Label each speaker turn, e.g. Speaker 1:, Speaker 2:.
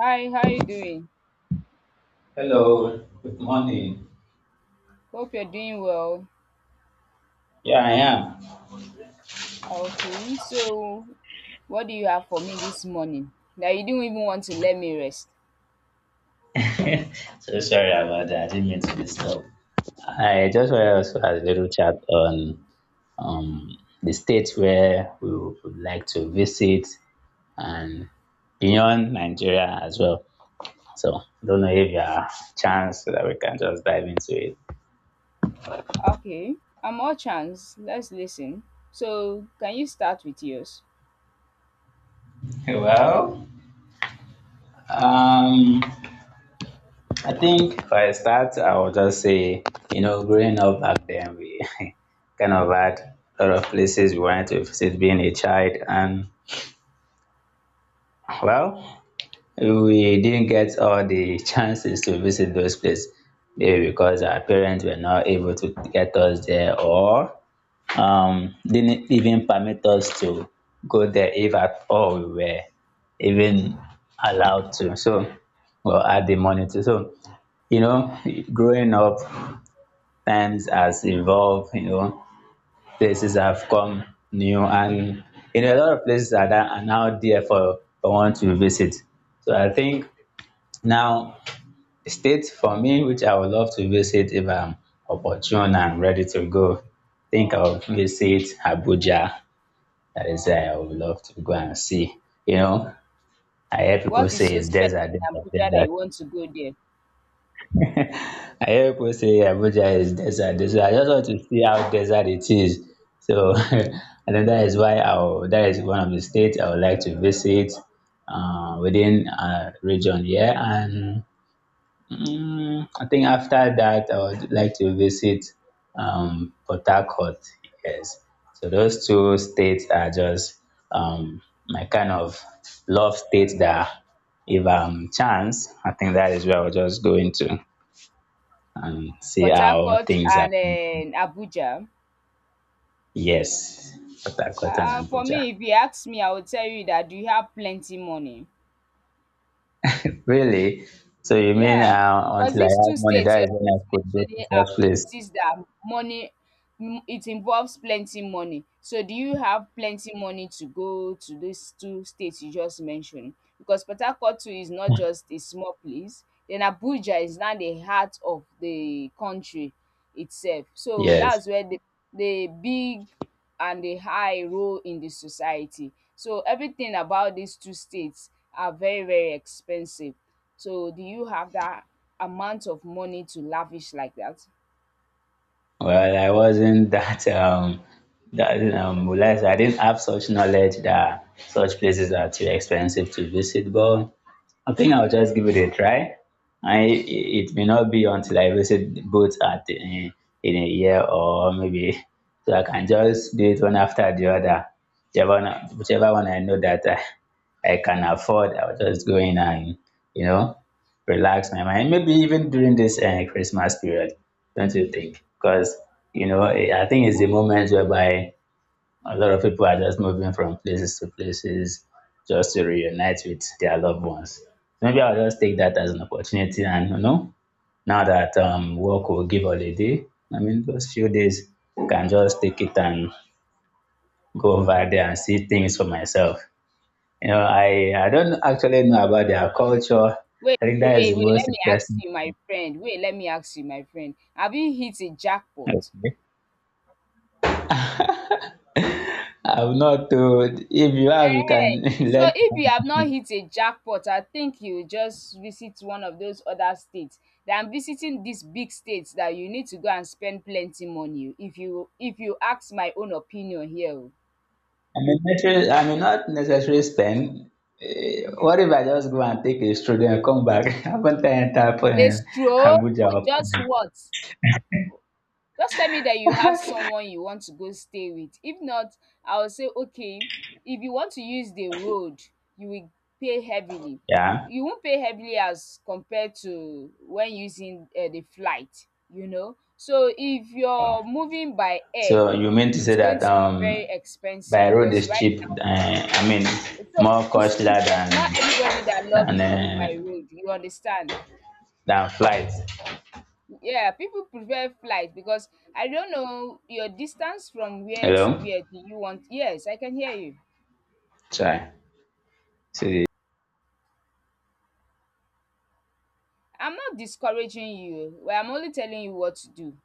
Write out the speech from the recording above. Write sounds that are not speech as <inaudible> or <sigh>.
Speaker 1: Hi, how you doing?
Speaker 2: Hello, good morning.
Speaker 1: Hope you're doing well.
Speaker 2: Yeah,
Speaker 1: Okay, so what do you have for me this morning? That you didn't even want to let me rest.
Speaker 2: I am. <laughs> So sorry about that. I didn't mean to disturb. I just wanted
Speaker 1: Okay.
Speaker 2: us to also have a little chat on um, the states where we would like to visit and beyond Nigeria as well. So, don't know if you have a chance so that we can just dive into it.
Speaker 1: Okay. I'm all chance. Let's listen. So can you start with yours?
Speaker 2: Well, um, I think for a start, I will just say, you know, growing up back then, we <laughs> kind of had a lot of places we wanted to visit being a child, and well, we didn't get all the <laughs> chances to visit those places, maybe because our parents were not able to get us there, or didn't even permit us to go there if at all we were even allowed to. So, or had the money to. So, you know, growing up, times has evolved, you know, places have come new and you know a lot of places are that are now there for one to visit. So I think now states for me which I would love to visit if I'm opportune and ready to go. I think I'll visit Abuja. That is where I would love to go and see. You know, I hear people
Speaker 1: What
Speaker 2: say
Speaker 1: is so
Speaker 2: it's
Speaker 1: special
Speaker 2: desert,
Speaker 1: in
Speaker 2: desert,
Speaker 1: Abuja that
Speaker 2: desert.
Speaker 1: you want to go there?
Speaker 2: I hear people say Abuja is desert, desert. I just want to see how desert it is. So <laughs> I think that is why I will, that is one of the states I would like to visit within region here. And I think after that, I would like to visit Port Harcourt. Yes. So those two states are just um, my kind of love states that if I'm chance, I think that is where I'll just go into and see
Speaker 1: Port
Speaker 2: how
Speaker 1: Harcourt
Speaker 2: things are.
Speaker 1: and
Speaker 2: going.
Speaker 1: Abuja.
Speaker 2: Yes, Port Harcourt and
Speaker 1: For me,
Speaker 2: Abuja.
Speaker 1: if you ask me, I would tell you that you have plenty money.
Speaker 2: Really? So you mean
Speaker 1: Yeah, because
Speaker 2: until I
Speaker 1: these
Speaker 2: have
Speaker 1: two
Speaker 2: money,
Speaker 1: states
Speaker 2: that
Speaker 1: you're
Speaker 2: is when I could go to
Speaker 1: mentioning are
Speaker 2: such place?
Speaker 1: places that money it involves plenty money. So do you have plenty money to go to these two states you just mentioned? Because Port Harcourt too is not
Speaker 2: <laughs>
Speaker 1: just a small place. Then Abuja is now the heart of the country itself. So
Speaker 2: Yes.
Speaker 1: that's where the big and the high role in the society. So everything about these two states are very very expensive. So do you have that amount of money to lavish like that?
Speaker 2: Well, I wasn't <laughs> that that will I didn't have such knowledge that such places are too expensive to visit, but I think I'll just give it a try. I it may not be until I visit both at eh, in a year or maybe so I can just do it one after the other. Whichever one I know that I can afford, I'll just go in and you know relax my mind. Maybe even during this Christmas period, don't you think? Because you know eh, I think it's the moment whereby a lot of people are just moving from places to places just to reunite with their loved ones. So maybe I'll just take that as an opportunity and you know, now that work will give holiday, I mean those few days can just take it and go over there and see things for myself. You know, I don't actually know about their culture.
Speaker 1: Wait,
Speaker 2: I think
Speaker 1: wait,
Speaker 2: that
Speaker 1: wait,
Speaker 2: is the
Speaker 1: wait,
Speaker 2: most
Speaker 1: let me ask
Speaker 2: interesting.
Speaker 1: you, my
Speaker 2: <laughs>
Speaker 1: friend. Wait, let me ask you, my friend. Have you hit a jackpot?
Speaker 2: Okay. I'm not too if you have you
Speaker 1: Eh.
Speaker 2: can <laughs>
Speaker 1: So
Speaker 2: learn.
Speaker 1: if you have not hit a jackpot, I think you just visit one of those other states than visiting these big states that you need to go and spend plenty money. If you ask my own opinion here. Oh.
Speaker 2: I may necessarily, I may not necessarily spend. Eh, what if I just go and take a stroll and come back? <laughs> Haven't I entered
Speaker 1: A stroll for
Speaker 2: Abuja? Or-
Speaker 1: just what? Just tell me that you have someone you want to go stay with. If not, I will say, okay, if you want to use the road, you will pay heavily.
Speaker 2: Yeah.
Speaker 1: You won't pay heavily as compared to when using the flight, you know. So if you're moving by air,
Speaker 2: So you mean to say
Speaker 1: it's going
Speaker 2: that
Speaker 1: to be very expensive
Speaker 2: by road
Speaker 1: because
Speaker 2: is
Speaker 1: right
Speaker 2: cheap?
Speaker 1: now,
Speaker 2: I mean,
Speaker 1: so
Speaker 2: more
Speaker 1: it's
Speaker 2: costlier
Speaker 1: cheap, but not everybody that loves
Speaker 2: than
Speaker 1: to move by
Speaker 2: uh,
Speaker 1: road, you understand?
Speaker 2: than flights.
Speaker 1: Yeah, people prefer flight because I don't know your distance from where to
Speaker 2: Hello.
Speaker 1: where do you want. Yes, I can hear you.
Speaker 2: Sorry. So
Speaker 1: I'm not discouraging you. Well, I'm only telling you what to do.